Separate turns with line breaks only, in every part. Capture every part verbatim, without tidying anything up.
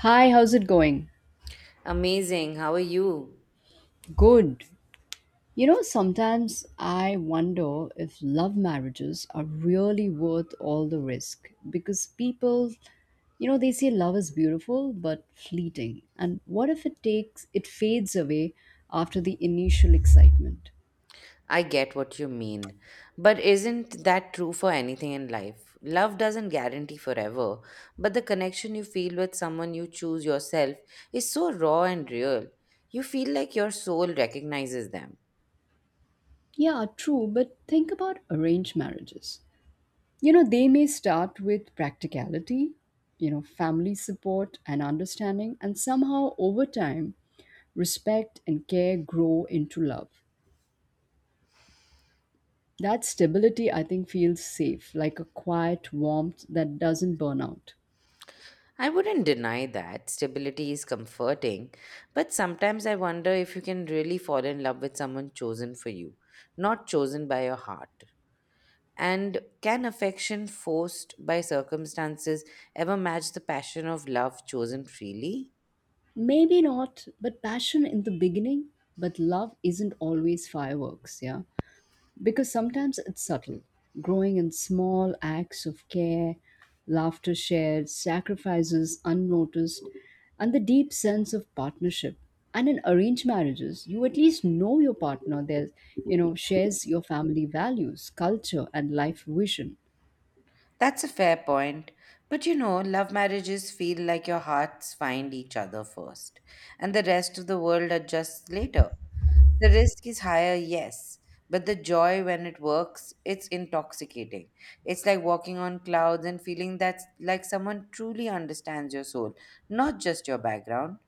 Hi, how's it going?
Amazing. How are you?
Good. You know, sometimes I wonder if love marriages are really worth all the risk because people, you know, they say love is beautiful but fleeting. And what if it takes, it fades away after the initial excitement?
I get what you mean. But isn't that true for anything in life? Love doesn't guarantee forever, but the connection you feel with someone you choose yourself is so raw and real. You feel like your soul recognizes them.
Yeah, true, but think about arranged marriages. You know, they may start with practicality, you know, family support and understanding, and somehow over time, respect and care grow into love. That stability, I think, feels safe, like a quiet warmth that doesn't burn out.
I wouldn't deny that. Stability is comforting, but sometimes I wonder if you can really fall in love with someone chosen for you, not chosen by your heart. And can affection forced by circumstances ever match the passion of love chosen freely?
Maybe not, but passion in the beginning, but love isn't always fireworks, yeah? Because sometimes it's subtle, growing in small acts of care, laughter shared, sacrifices unnoticed, and the deep sense of partnership. And in arranged marriages, you at least know your partner. There's, you know, shares your family values, culture, and life vision.
That's a fair point. But you know, love marriages feel like your hearts find each other first, and the rest of the world adjusts later. The risk is higher, yes, but the joy when it works, it's intoxicating. It's like walking on clouds and feeling that like someone truly understands your soul, not just your background.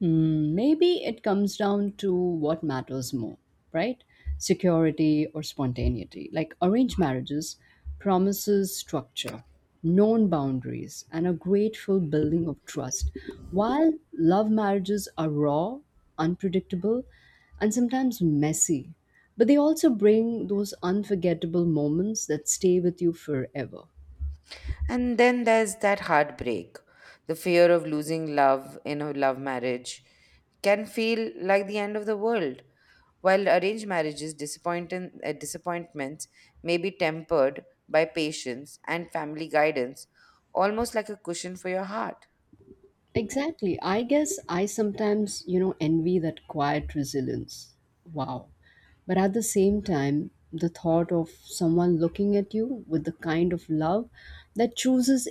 Hmm, maybe it comes down to what matters more, right? Security or spontaneity. Like arranged marriages promises structure, known boundaries, and a grateful building of trust, while love marriages are raw, unpredictable, and sometimes messy. But they also bring those unforgettable moments that stay with you forever.
And then there's that heartbreak. The fear of losing love in a love marriage can feel like the end of the world. While arranged marriages, disappointin- uh, disappointments may be tempered by patience and family guidance, almost like a cushion for your heart.
Exactly. I guess I sometimes, you know, envy that quiet resilience. Wow. But at the same time, the thought of someone looking at you with the kind of love that chooses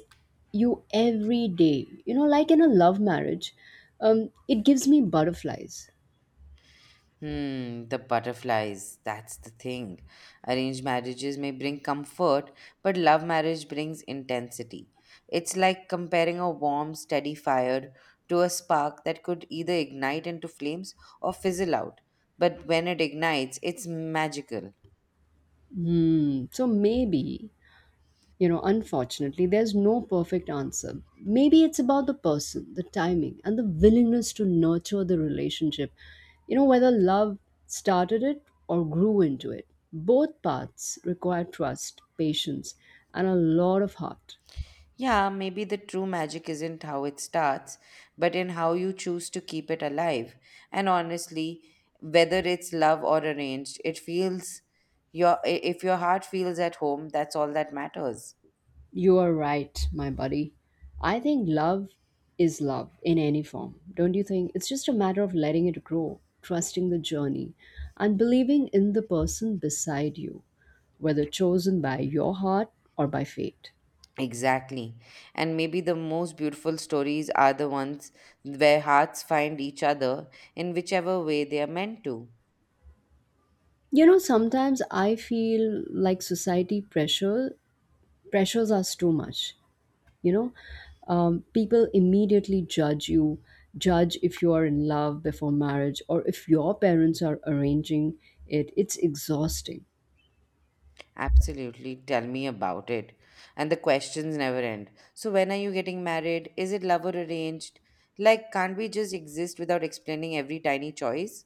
you every day, you know, like in a love marriage, um, it gives me butterflies.
Hmm, the butterflies, that's the thing. Arranged marriages may bring comfort, but love marriage brings intensity. It's like comparing a warm, steady fire to a spark that could either ignite into flames or fizzle out. But when it ignites, it's magical.
Hmm. So maybe, you know, unfortunately, there's no perfect answer. Maybe it's about the person, the timing, and the willingness to nurture the relationship. You know, whether love started it or grew into it. Both paths require trust, patience, and a lot of heart.
Yeah, maybe the true magic isn't how it starts, but in how you choose to keep it alive. And honestly, whether it's love or arranged, it feels your I- if your heart feels at home, that's all that matters.
You are right, my buddy. I think love is love in any form, don't you think? It's just a matter of letting it grow, trusting the journey, and believing in the person beside you, whether chosen by your heart or by fate.
Exactly. And maybe the most beautiful stories are the ones where hearts find each other in whichever way they are meant to.
You know, sometimes I feel like society pressure pressures us too much. You know, um, people immediately judge you judge if you are in love before marriage or if your parents are arranging it. It's exhausting.
Absolutely. Tell me about it. And the questions never end. So, when are you getting married? Is it love or arranged? Like, can't we just exist without explaining every tiny choice?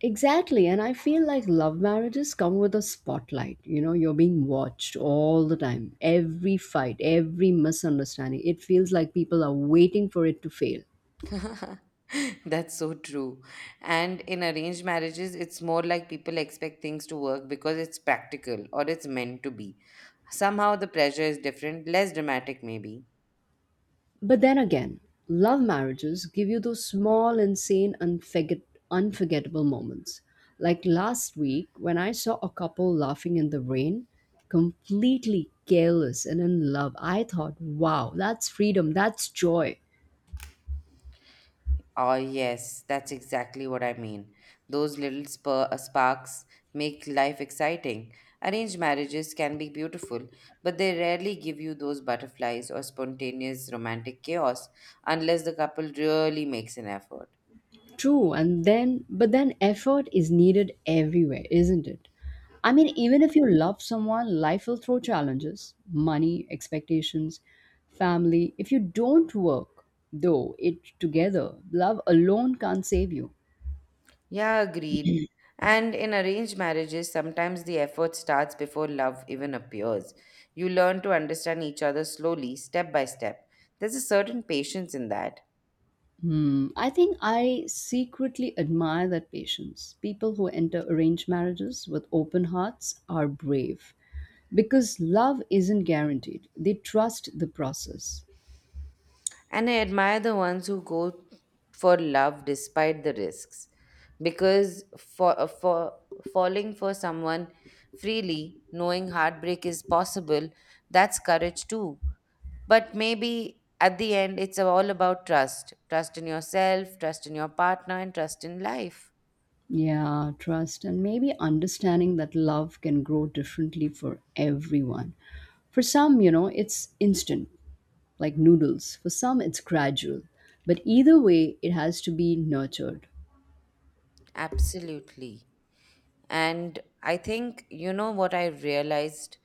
Exactly, and I feel like love marriages come with a spotlight, you know, you're being watched all the time. Every fight, every misunderstanding, it feels like people are waiting for it to fail.
That's so true. And in arranged marriages, it's more like people expect things to work because it's practical or it's meant to be. Somehow the pressure is different, less dramatic, maybe.
But then again, love marriages give you those small, insane, unforget- unforgettable moments. Like last week when I saw a couple laughing in the rain, completely careless and in love. I thought, wow, that's freedom, that's joy.
Oh, yes, that's exactly what I mean. Those little spur- uh, sparks make life exciting. Arranged marriages can be beautiful, but they rarely give you those butterflies or spontaneous romantic chaos unless the couple really makes an effort.
True, and then but then effort is needed everywhere, isn't it? I mean, even if you love someone, life will throw challenges, money, expectations, family. If you don't work, though, it together, love alone can't save you.
Yeah, agreed. And in arranged marriages, sometimes the effort starts before love even appears. You learn to understand each other slowly, step by step. There's a certain patience in that.
Hmm. I think I secretly admire that patience. People who enter arranged marriages with open hearts are brave because love isn't guaranteed. They trust the process.
And I admire the ones who go for love despite the risks. Because for, uh, for falling for someone freely, knowing heartbreak is possible, that's courage too. But maybe at the end, it's all about trust trust in yourself, trust in your partner, and trust in life.
Yeah, trust, and maybe understanding that love can grow differently for everyone. For some, you know, it's instant, like noodles. For some, it's gradual. But either way, it has to be nurtured.
Absolutely. And I think, you know, what I realized,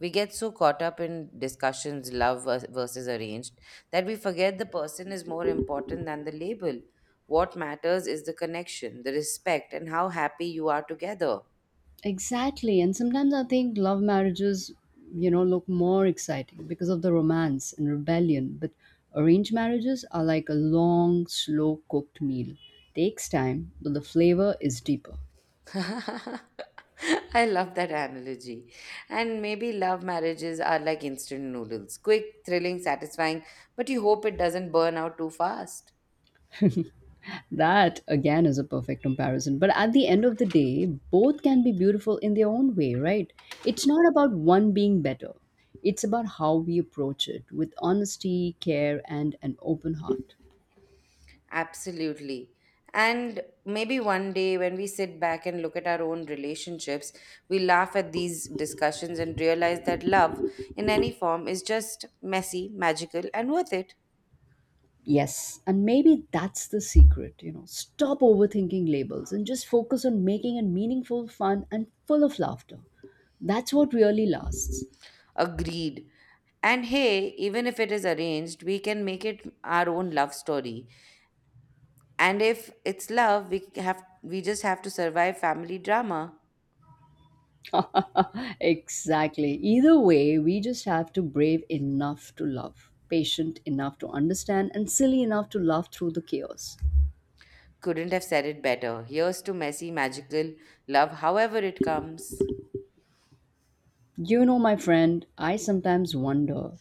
we get so caught up in discussions, love vers- versus arranged, that we forget the person is more important than the label. What matters is the connection, the respect, and how happy you are together.
Exactly. And sometimes I think love marriages, you know, look more exciting because of the romance and rebellion. But arranged marriages are like a long, slow cooked meal. Takes time, but the flavor is deeper.
I love that analogy. And maybe love marriages are like instant noodles quick, thrilling, satisfying, but you hope it doesn't burn out too fast.
That again is a perfect comparison. But at the end of the day, both can be beautiful in their own way, right? It's not about one being better, it's about how we approach it with honesty, care, and an open heart.
Absolutely. And maybe one day when we sit back and look at our own relationships, we laugh at these discussions and realize that love in any form is just messy, magical, and worth it.
Yes, and maybe that's the secret, you know. Stop overthinking labels and just focus on making it meaningful, fun, and full of laughter. That's what really lasts.
Agreed. And hey, even if it is arranged, we can make it our own love story. And if it's love, we have we just have to survive family drama.
Exactly. Either way, we just have to brave enough to love, patient enough to understand, and silly enough to laugh through the chaos.
Couldn't have said it better. Here's to messy, magical love, however it comes.
You know, my friend, I sometimes wonder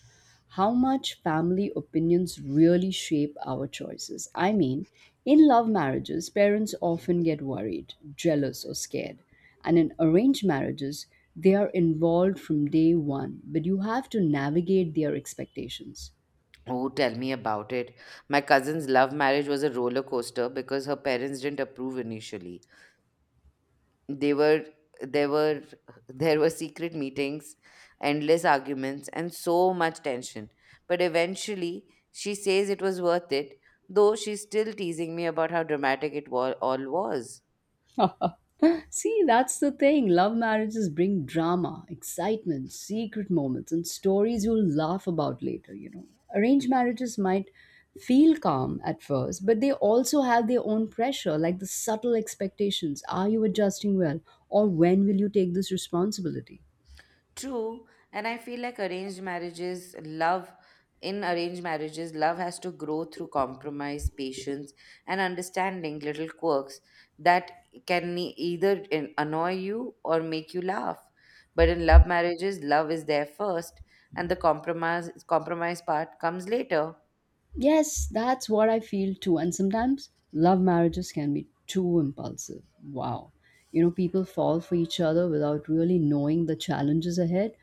how much family opinions really shape our choices. I mean, in love marriages, parents often get worried, jealous, or scared. And in arranged marriages, they are involved from day one, but you have to navigate their expectations.
Oh, tell me about it. My cousin's love marriage was a roller coaster because her parents didn't approve initially. They were there were there were secret meetings, endless arguments, and so much tension. But eventually, she says it was worth it, though she's still teasing me about how dramatic it wa- all was.
See, that's the thing. Love marriages bring drama, excitement, secret moments, and stories you'll laugh about later, you know. Arranged marriages might feel calm at first, but they also have their own pressure, like the subtle expectations. Are you adjusting well? Or when will you take this responsibility?
True, and I feel like arranged marriages, love in arranged marriages, love has to grow through compromise, patience, and understanding little quirks that can e- either in- annoy you or make you laugh. But in love marriages, love is there first, and the compromise compromise part comes later.
Yes, that's what I feel too. And sometimes love marriages can be too impulsive. Wow. You know, people fall for each other without really knowing the challenges ahead,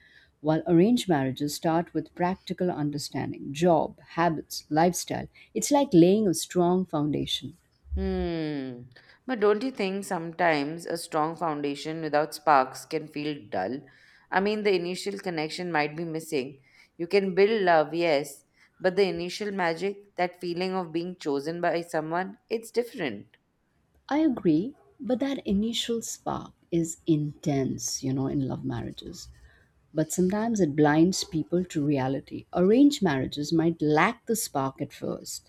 while arranged marriages start with practical understanding, job, habits, lifestyle. It's like laying a strong foundation.
Hmm. But don't you think sometimes a strong foundation without sparks can feel dull? I mean, the initial connection might be missing. You can build love, yes, but the initial magic, that feeling of being chosen by someone, it's different.
I agree, but that initial spark is intense, you know, in love marriages, but sometimes it blinds people to reality. Arranged marriages might lack the spark at first,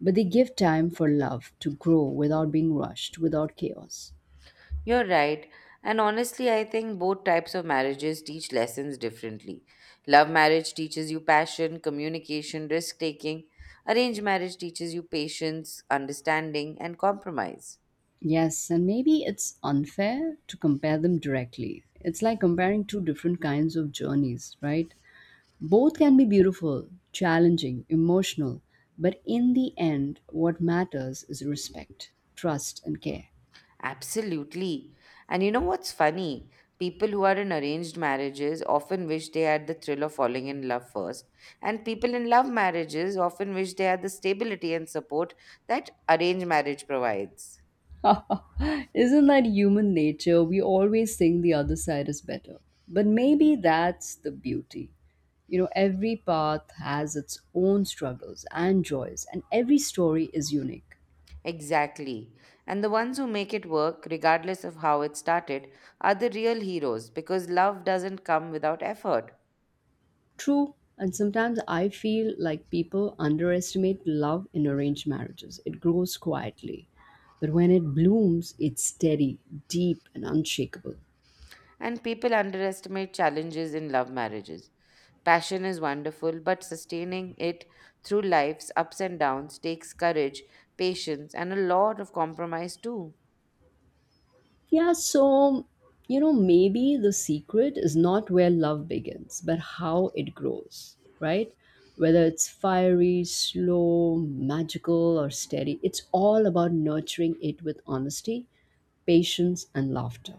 but they give time for love to grow without being rushed, without chaos.
You're right. And honestly, I think both types of marriages teach lessons differently. Love marriage teaches you passion, communication, risk taking. Arranged marriage teaches you patience, understanding, and compromise.
Yes, and maybe it's unfair to compare them directly. It's like comparing two different kinds of journeys, right? Both can be beautiful, challenging, emotional, but in the end, what matters is respect, trust, and care.
Absolutely. And you know what's funny? People who are in arranged marriages often wish they had the thrill of falling in love first. And people in love marriages often wish they had the stability and support that arranged marriage provides.
Isn't that human nature? We always think the other side is better. But maybe that's the beauty. You know, every path has its own struggles and joys, and every story is unique.
Exactly. And the ones who make it work, regardless of how it started, are the real heroes because love doesn't come without effort.
True, and sometimes I feel like people underestimate love in arranged marriages. It grows quietly, but when it blooms, it's steady, deep, and unshakable.
And people underestimate challenges in love marriages. Passion is wonderful, but sustaining it through life's ups and downs takes courage, patience, and a lot of compromise, too.
Yeah, so, you know, maybe the secret is not where love begins, but how it grows, right? Whether it's fiery, slow, magical, or steady, it's all about nurturing it with honesty, patience, and laughter.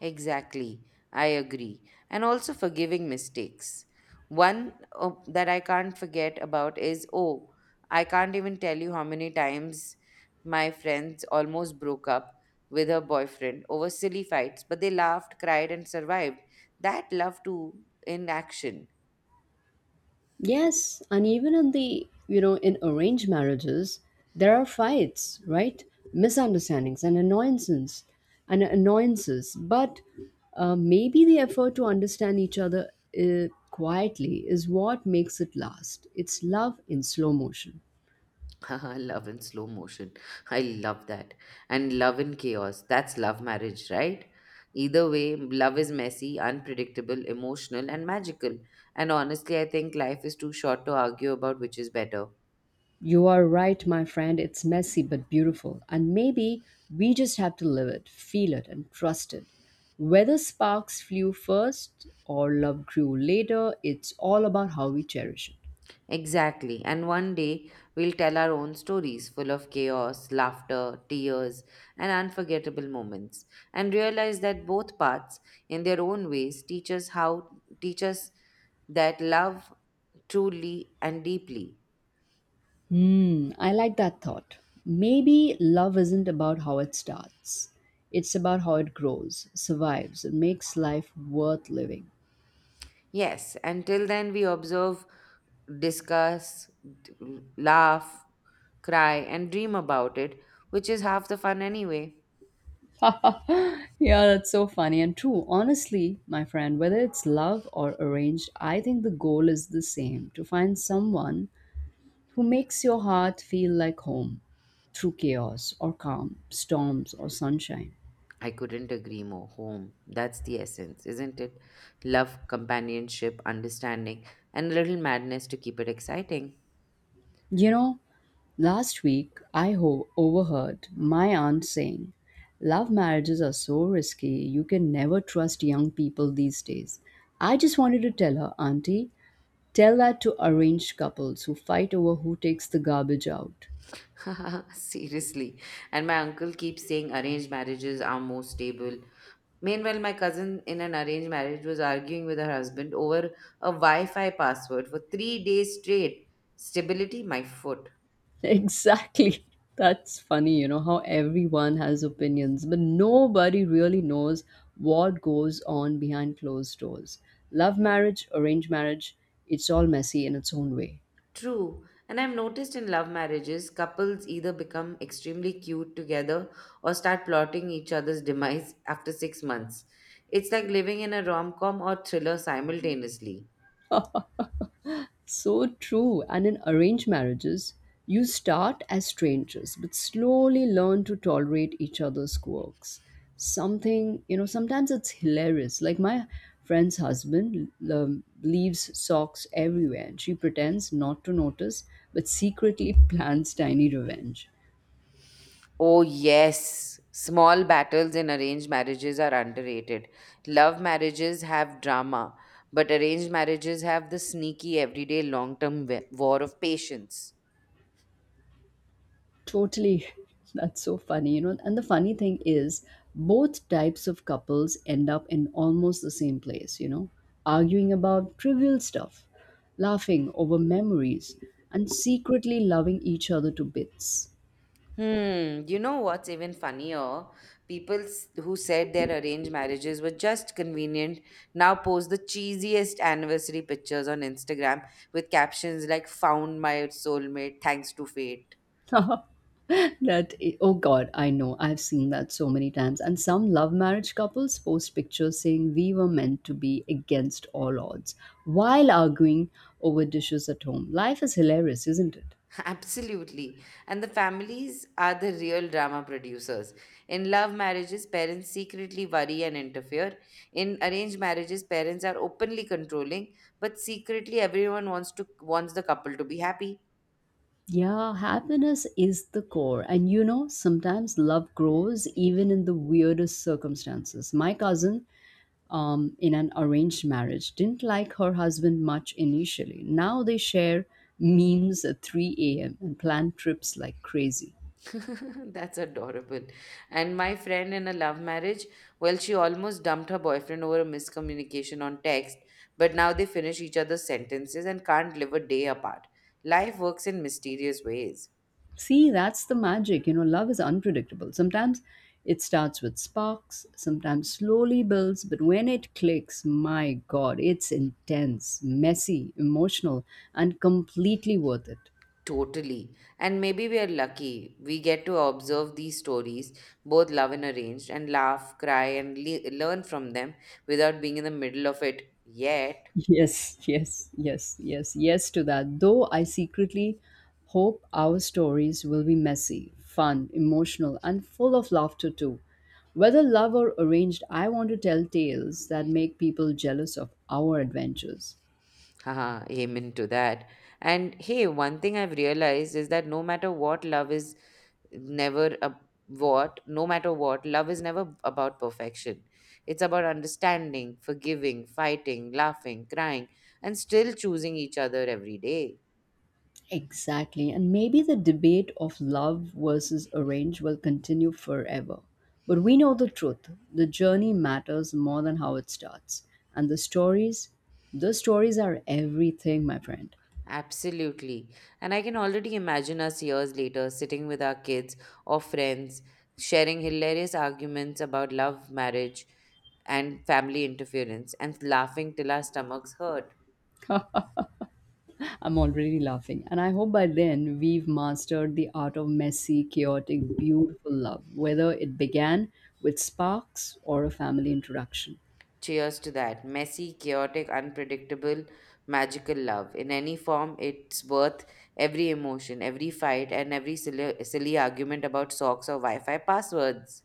Exactly, I agree. And also forgiving mistakes. One uh, that I can't forget about is oh, I can't even tell you how many times my friends almost broke up with her boyfriend over silly fights, but they laughed, cried, and survived. That love too in action.
Yes, and even in the, you know, in arranged marriages, there are fights, right? Misunderstandings and annoyances and annoyances. But uh, maybe the effort to understand each other uh, quietly is what makes it last. It's love in slow motion.
Love in slow motion. I love that. And love in chaos. That's love marriage, right? Either way, love is messy, unpredictable, emotional, and magical. And honestly, I think life is too short to argue about which is better.
You are right, my friend. It's messy but beautiful. And maybe we just have to live it, feel it, and trust it. Whether sparks flew first or love grew later, it's all about how we cherish it.
Exactly. And one day, we'll tell our own stories full of chaos, laughter, tears, and unforgettable moments, and realize that both paths, in their own ways, teach us how, teach us that love truly and deeply.
Hmm, I like that thought. Maybe love isn't about how it starts, it's about how it grows, survives, and makes life worth living.
Yes, until then we observe, discuss, d- laugh, cry, and dream about it, which is half the fun anyway.
Yeah, that's so funny and true. Honestly, my friend, whether it's love or arranged, I think the goal is the same, to find someone who makes your heart feel like home through chaos or calm, storms or sunshine.
I couldn't agree more. Home, that's the essence, isn't it? Love, companionship, understanding, and a little madness to keep it exciting.
You know, last week I ho- overheard my aunt saying, "Love marriages are so risky, you can never trust young people these days." I just wanted to tell her, "Auntie, tell that to arranged couples who fight over who takes the garbage out."
Seriously. And my uncle keeps saying arranged marriages are more stable. Meanwhile, my cousin in an arranged marriage was arguing with her husband over a Wi Fi password for three days straight. Stability, my foot.
Exactly. That's funny, you know, how everyone has opinions, but nobody really knows what goes on behind closed doors. Love marriage, arranged marriage, it's all messy in its own way.
True, and I've noticed in love marriages, couples either become extremely cute together or start plotting each other's demise after six months. It's like living in a rom com or thriller simultaneously.
So true. And in arranged marriages, you start as strangers, but slowly learn to tolerate each other's quirks. Something, you know, sometimes it's hilarious. Like my friend's husband um, leaves socks everywhere, and she pretends not to notice, but secretly plans tiny revenge.
Oh, yes. Small battles in arranged marriages are underrated. Love marriages have drama, but arranged marriages have the sneaky, everyday, long term war of patience.
Totally. That's so funny, you know. And the funny thing is, both types of couples end up in almost the same place, you know, arguing about trivial stuff, laughing over memories, and secretly loving each other to bits.
Hmm, you know what's even funnier? People s- who said their arranged marriages were just convenient now post the cheesiest anniversary pictures on Instagram with captions like, "Found my soulmate, thanks to fate."
that i- oh God, I know, I've seen that so many times. And some love marriage couples post pictures saying, "We were meant to be against all odds," while arguing over dishes at home. Life is hilarious, isn't it?
Absolutely. And the families are the real drama producers. In love marriages, parents secretly worry and interfere. In arranged marriages, parents are openly controlling, but secretly everyone wants to wants the couple to be happy.
Yeah, happiness is the core. And you know, sometimes love grows even in the weirdest circumstances. My cousin, um, in an arranged marriage, didn't like her husband much initially. Now they share memes at three a m and plan trips like crazy.
That's adorable. And my friend in a love marriage, well, she almost dumped her boyfriend over a miscommunication on text, but now they finish each other's sentences and can't live a day apart. Life works in mysterious ways.
See, that's the magic. You know, love is unpredictable. Sometimes it starts with sparks, sometimes slowly builds, but when it clicks, my God, it's intense, messy, emotional, and completely worth it.
Totally. And maybe we are lucky. We get to observe these stories, both love and arranged, and laugh, cry, and le- learn from them without being in the middle of it yet.
Yes, yes, yes, yes, yes to that. Though I secretly hope our stories will be messy, fun, emotional, and full of laughter too. Whether love or arranged, I want to tell tales that make people jealous of our adventures.
Haha, amen to that. And hey, one thing I've realized is that no matter what, love is never a what, no matter what, love is never about perfection. It's about understanding, forgiving, fighting, laughing, crying, and still choosing each other every day.
Exactly. And maybe the debate of love versus arrange will continue forever. But we know the truth. The journey matters more than how it starts. And the stories, the stories are everything, my friend.
Absolutely. And I can already imagine us years later sitting with our kids or friends, sharing hilarious arguments about love, marriage, and family interference, and laughing till our stomachs hurt.
I'm already laughing. And I hope by then we've mastered the art of messy, chaotic, beautiful love, whether it began with sparks or a family introduction.
Cheers to that. Messy, chaotic, unpredictable, magical love. In any form, it's worth every emotion, every fight, and every silly, silly argument about socks or Wi Fi passwords.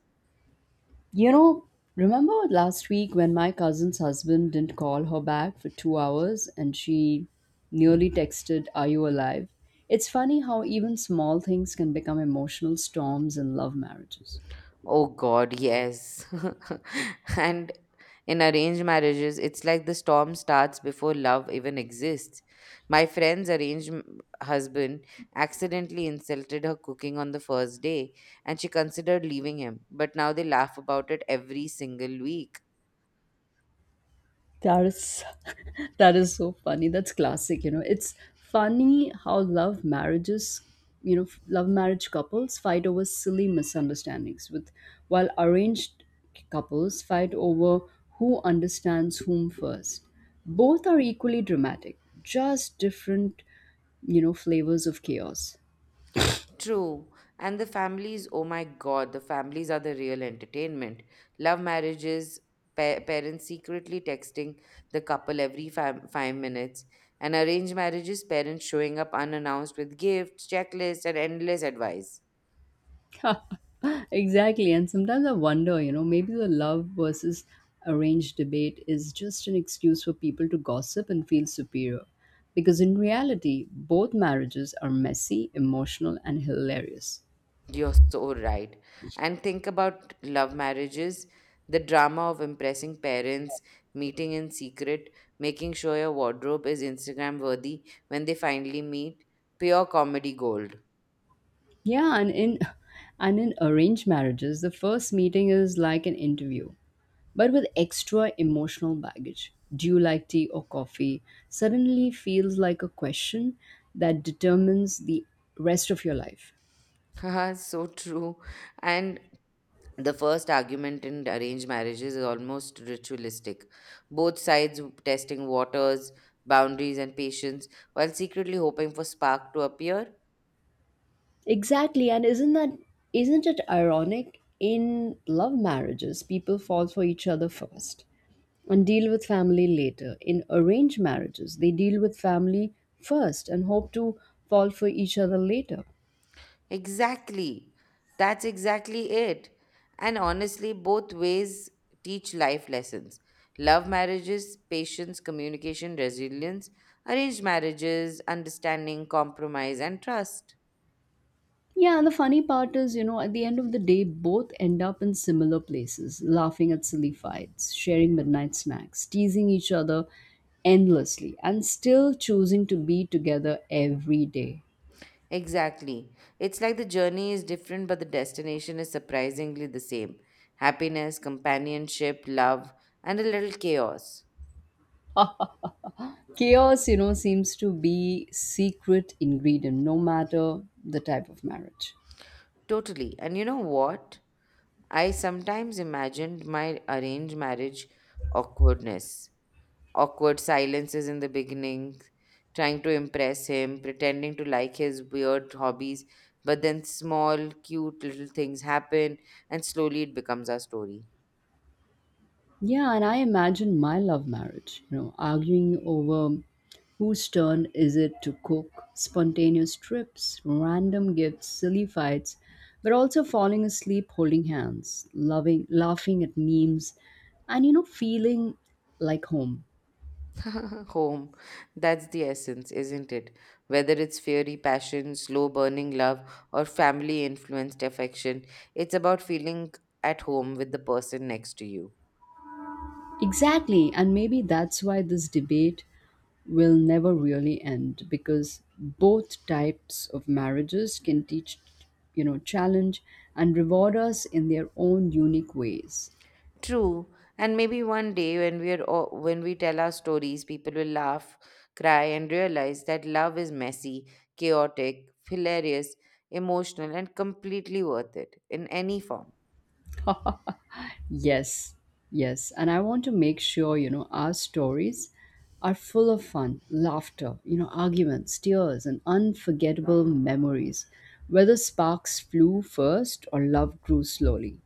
You know, remember last week when my cousin's husband didn't call her back for two hours and she nearly texted, "Are you alive?" It's funny how even small things can become emotional storms in love marriages.
Oh God, yes. And in arranged marriages, it's like the storm starts before love even exists. My friend's arranged m- husband accidentally insulted her cooking on the first day, and she considered leaving him. But now they laugh about it every single week.
That is That is so funny. That's classic, you know. It's funny how love marriages, you know, love marriage couples fight over silly misunderstandings with while arranged couples fight over who understands whom first. Both are equally dramatic, just different, you know, flavors of chaos.
True. And the families, oh my God, the families are the real entertainment. Love marriages, pa- parents secretly texting the couple every five, five minutes, and arranged marriages, parents showing up unannounced with gifts, checklists, and endless advice.
Exactly. And sometimes I wonder, you know, maybe the love versus arranged debate is just an excuse for people to gossip and feel superior. Because in reality, both marriages are messy, emotional, and hilarious.
You're so right. And think about love marriages, the drama of impressing parents, meeting in secret, making sure your wardrobe is Instagram worthy when they finally meet. Pure comedy gold.
Yeah, and in and in arranged marriages, the first meeting is like an interview, but with extra emotional baggage. Do you like tea or coffee? Suddenly feels like a question that determines the rest of your life.
Haha, so true. And the first argument in arranged marriages is almost ritualistic. Both sides testing waters, boundaries, and patience while secretly hoping for spark to appear.
Exactly, and isn't that isn't it ironic? In love marriages, people fall for each other first and deal with family later. In arranged marriages, they deal with family first and hope to fall for each other later.
Exactly. That's exactly it. And honestly, both ways teach life lessons. Love marriages, patience, communication, resilience. Arranged marriages, understanding, compromise, and trust.
Yeah, and the funny part is, you know, at the end of the day, both end up in similar places, laughing at silly fights, sharing midnight snacks, teasing each other endlessly, and still choosing to be together every day.
Exactly. It's like the journey is different, but the destination is surprisingly the same happiness, companionship, love, and a little chaos.
Chaos, you know, seems to be secret ingredient no matter the type of marriage.
Totally. And you know what? I sometimes imagined my arranged marriage awkwardness, awkward silences in the beginning, trying to impress him, pretending to like his weird hobbies, but then small, cute little things happen, and slowly it becomes our story.
Yeah, and I imagine my love marriage, you know, arguing over whose turn is it to cook, spontaneous trips, random gifts, silly fights, but also falling asleep holding hands, loving, laughing at memes, and, you know, feeling like home.
Home. That's the essence, isn't it? Whether it's fiery passion, slow burning love, or family influenced affection, it's about feeling at home with the person next to you.
Exactly, and maybe that's why this debate will never really end, because both types of marriages can teach, you know, challenge and reward us in their own unique ways.
True, and maybe one day when we are all, when we tell our stories, people will laugh, cry, and realize that love is messy, chaotic, hilarious, emotional, and completely worth it in any form.
Yes, yes, and I want to make sure, you know, our stories are full of fun, laughter, you know, arguments, tears, and unforgettable memories, whether sparks flew first or love grew slowly.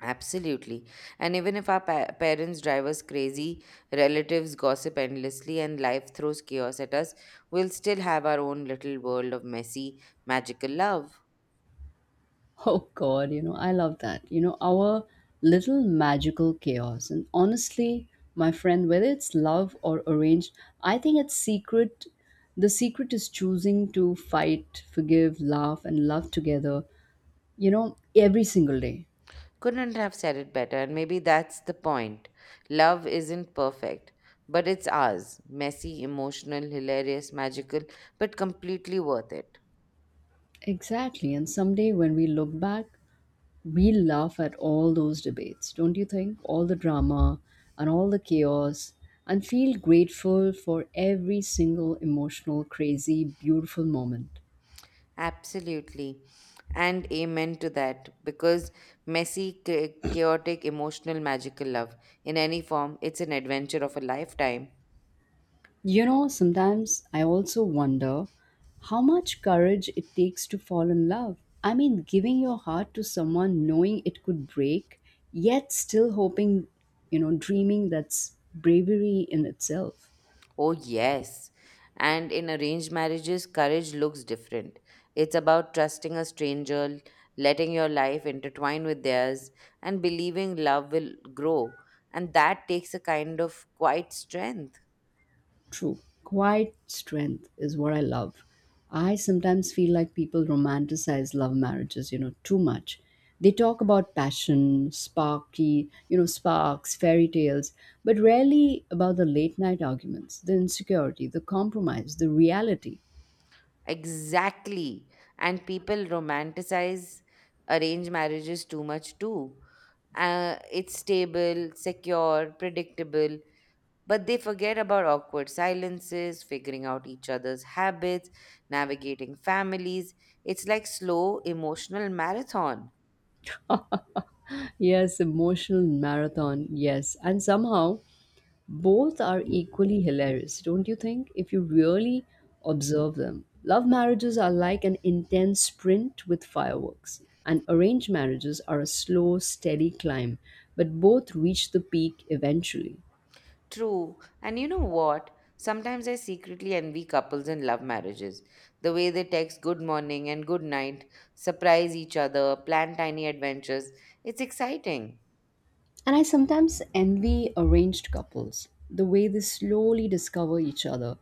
Absolutely. And even if our pa- parents drive us crazy, relatives gossip endlessly, and life throws chaos at us, we'll still have our own little world of messy, magical love.
Oh God, you know, I love that. You know, our little magical chaos. And honestly, my friend, whether it's love or arranged, I think it's secret. The secret is choosing to fight, forgive, laugh, and love together, you know, every single day.
Couldn't have said it better, and maybe that's the point. Love isn't perfect, but it's ours messy, emotional, hilarious, magical, but completely worth it.
Exactly. And someday when we look back, we laugh at all those debates, don't you think? All the drama and all the chaos, and feel grateful for every single emotional, crazy, beautiful moment.
Absolutely. And amen to that. Because messy, cha- chaotic, emotional, magical love in any form, it's an adventure of a lifetime.
You know, sometimes I also wonder how much courage it takes to fall in love. I mean, giving your heart to someone knowing it could break, yet still hoping, you know, dreaming, that's bravery in itself.
Oh, yes. And in arranged marriages, courage looks different. It's about trusting a stranger, letting your life intertwine with theirs, and believing love will grow. And that takes a kind of quiet strength.
True. Quiet strength is what I love. I sometimes feel like people romanticize love marriages, you know, too much. They talk about passion, sparky, you know, sparks, fairy tales, but rarely about the late night arguments, the insecurity, the compromise, the reality.
Exactly. And people romanticize arranged marriages too much too. Uh, it's stable, secure, predictable, but they forget about awkward silences, figuring out each other's habits, navigating families. It's like slow emotional marathon.
Yes, emotional marathon, yes. And somehow both are equally hilarious, don't you think? If you really observe them, love marriages are like an intense sprint with fireworks, and arranged marriages are a slow, steady climb, but both reach the peak eventually.
True. And you know what? Sometimes I secretly envy couples in love marriages. The way they text good morning and good night, surprise each other, plan tiny adventures. It's exciting.
And I sometimes envy arranged couples, the way they slowly discover each other,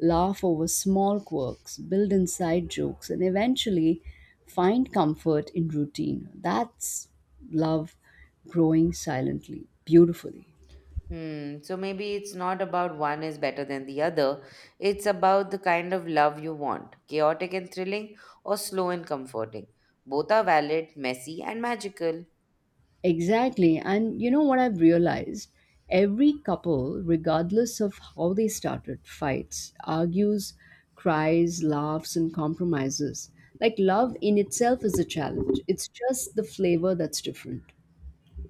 laugh over small quirks, build inside jokes, and eventually find comfort in routine. That's love growing silently, beautifully.
Hmm. So maybe it's not about one is better than the other. It's about the kind of love you want chaotic and thrilling, or slow and comforting. Both are valid, messy, and magical.
Exactly. And you know what I've realized? Every couple, regardless of how they started, fights, argues, cries, laughs, and compromises. Like love in itself is a challenge. It's just the flavor that's different.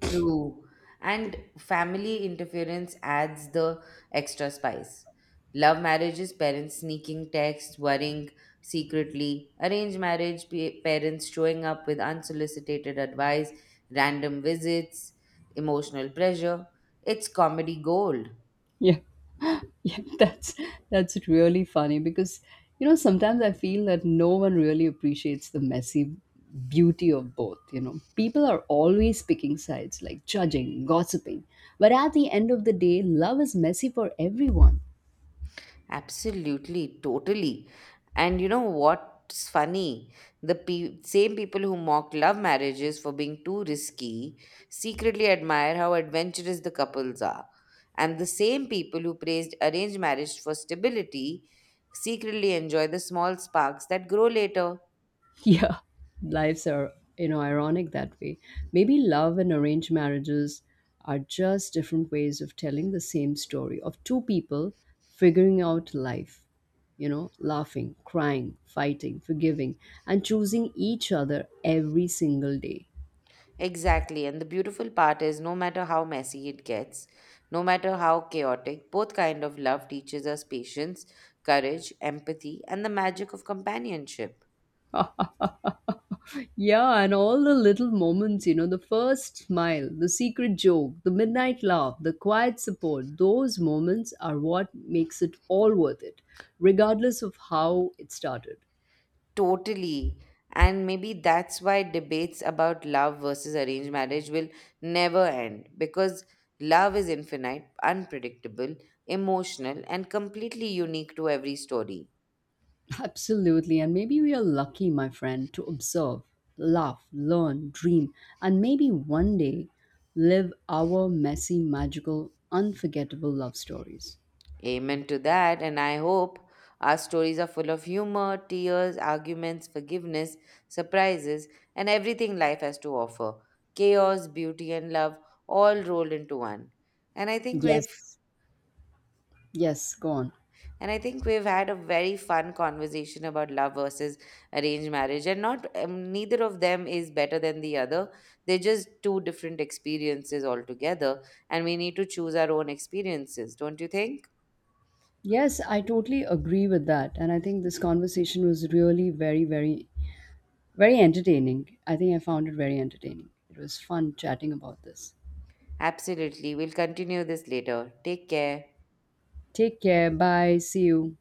True. And family interference adds the extra spice. Love marriages, parents sneaking texts, worrying secretly. Arranged marriage, pa- parents showing up with unsolicited advice, random visits, emotional pressure. It's comedy gold.
Yeah. Yeah, that's that's really funny because, you know, sometimes I feel that no one really appreciates the messy beauty of both, you know. People are always picking sides, like judging, gossiping. But at the end of the day, love is messy for everyone.
Absolutely, totally. And you know what's funny? The pe- same people who mock love marriages for being too risky secretly admire how adventurous the couples are. And the same people who praised arranged marriage for stability secretly enjoy the small sparks that grow later.
Yeah, lives are, you know, ironic that way. Maybe love and arranged marriages are just different ways of telling the same story of two people figuring out life, you know, laughing, crying, fighting, forgiving, and choosing each other every single day.
Exactly. And the beautiful part is no matter how messy it gets, no matter how chaotic, both kind of love teaches us patience, courage, empathy, and the magic of companionship.
Yeah, and all the little moments, you know, the first smile, the secret joke, the midnight laugh, the quiet support, those moments are what makes it all worth it, regardless of how it started.
Totally. And maybe that's why debates about love versus arranged marriage will never end because love is infinite, unpredictable, emotional, and completely unique to every story.
Absolutely. And maybe we are lucky, my friend, to observe, laugh, learn, dream, and maybe one day live our messy, magical, unforgettable love stories.
Amen to that, and I hope our stories are full of humor, tears, arguments, forgiveness, surprises, and everything life has to offer. Chaos, beauty, and love all rolled into one. And I think we've
Yes. Yes, go on.
and I think we've had a very fun conversation about love versus arranged marriage, and not um, neither of them is better than the other. They're just two different experiences altogether, and we need to choose our own experiences, don't you think?
Yes, I totally agree with that. And I think this conversation was really very, very, very entertaining. I think I found it very entertaining. It was fun chatting about this.
Absolutely. We'll continue this later. Take care.
Take care. Bye. See you.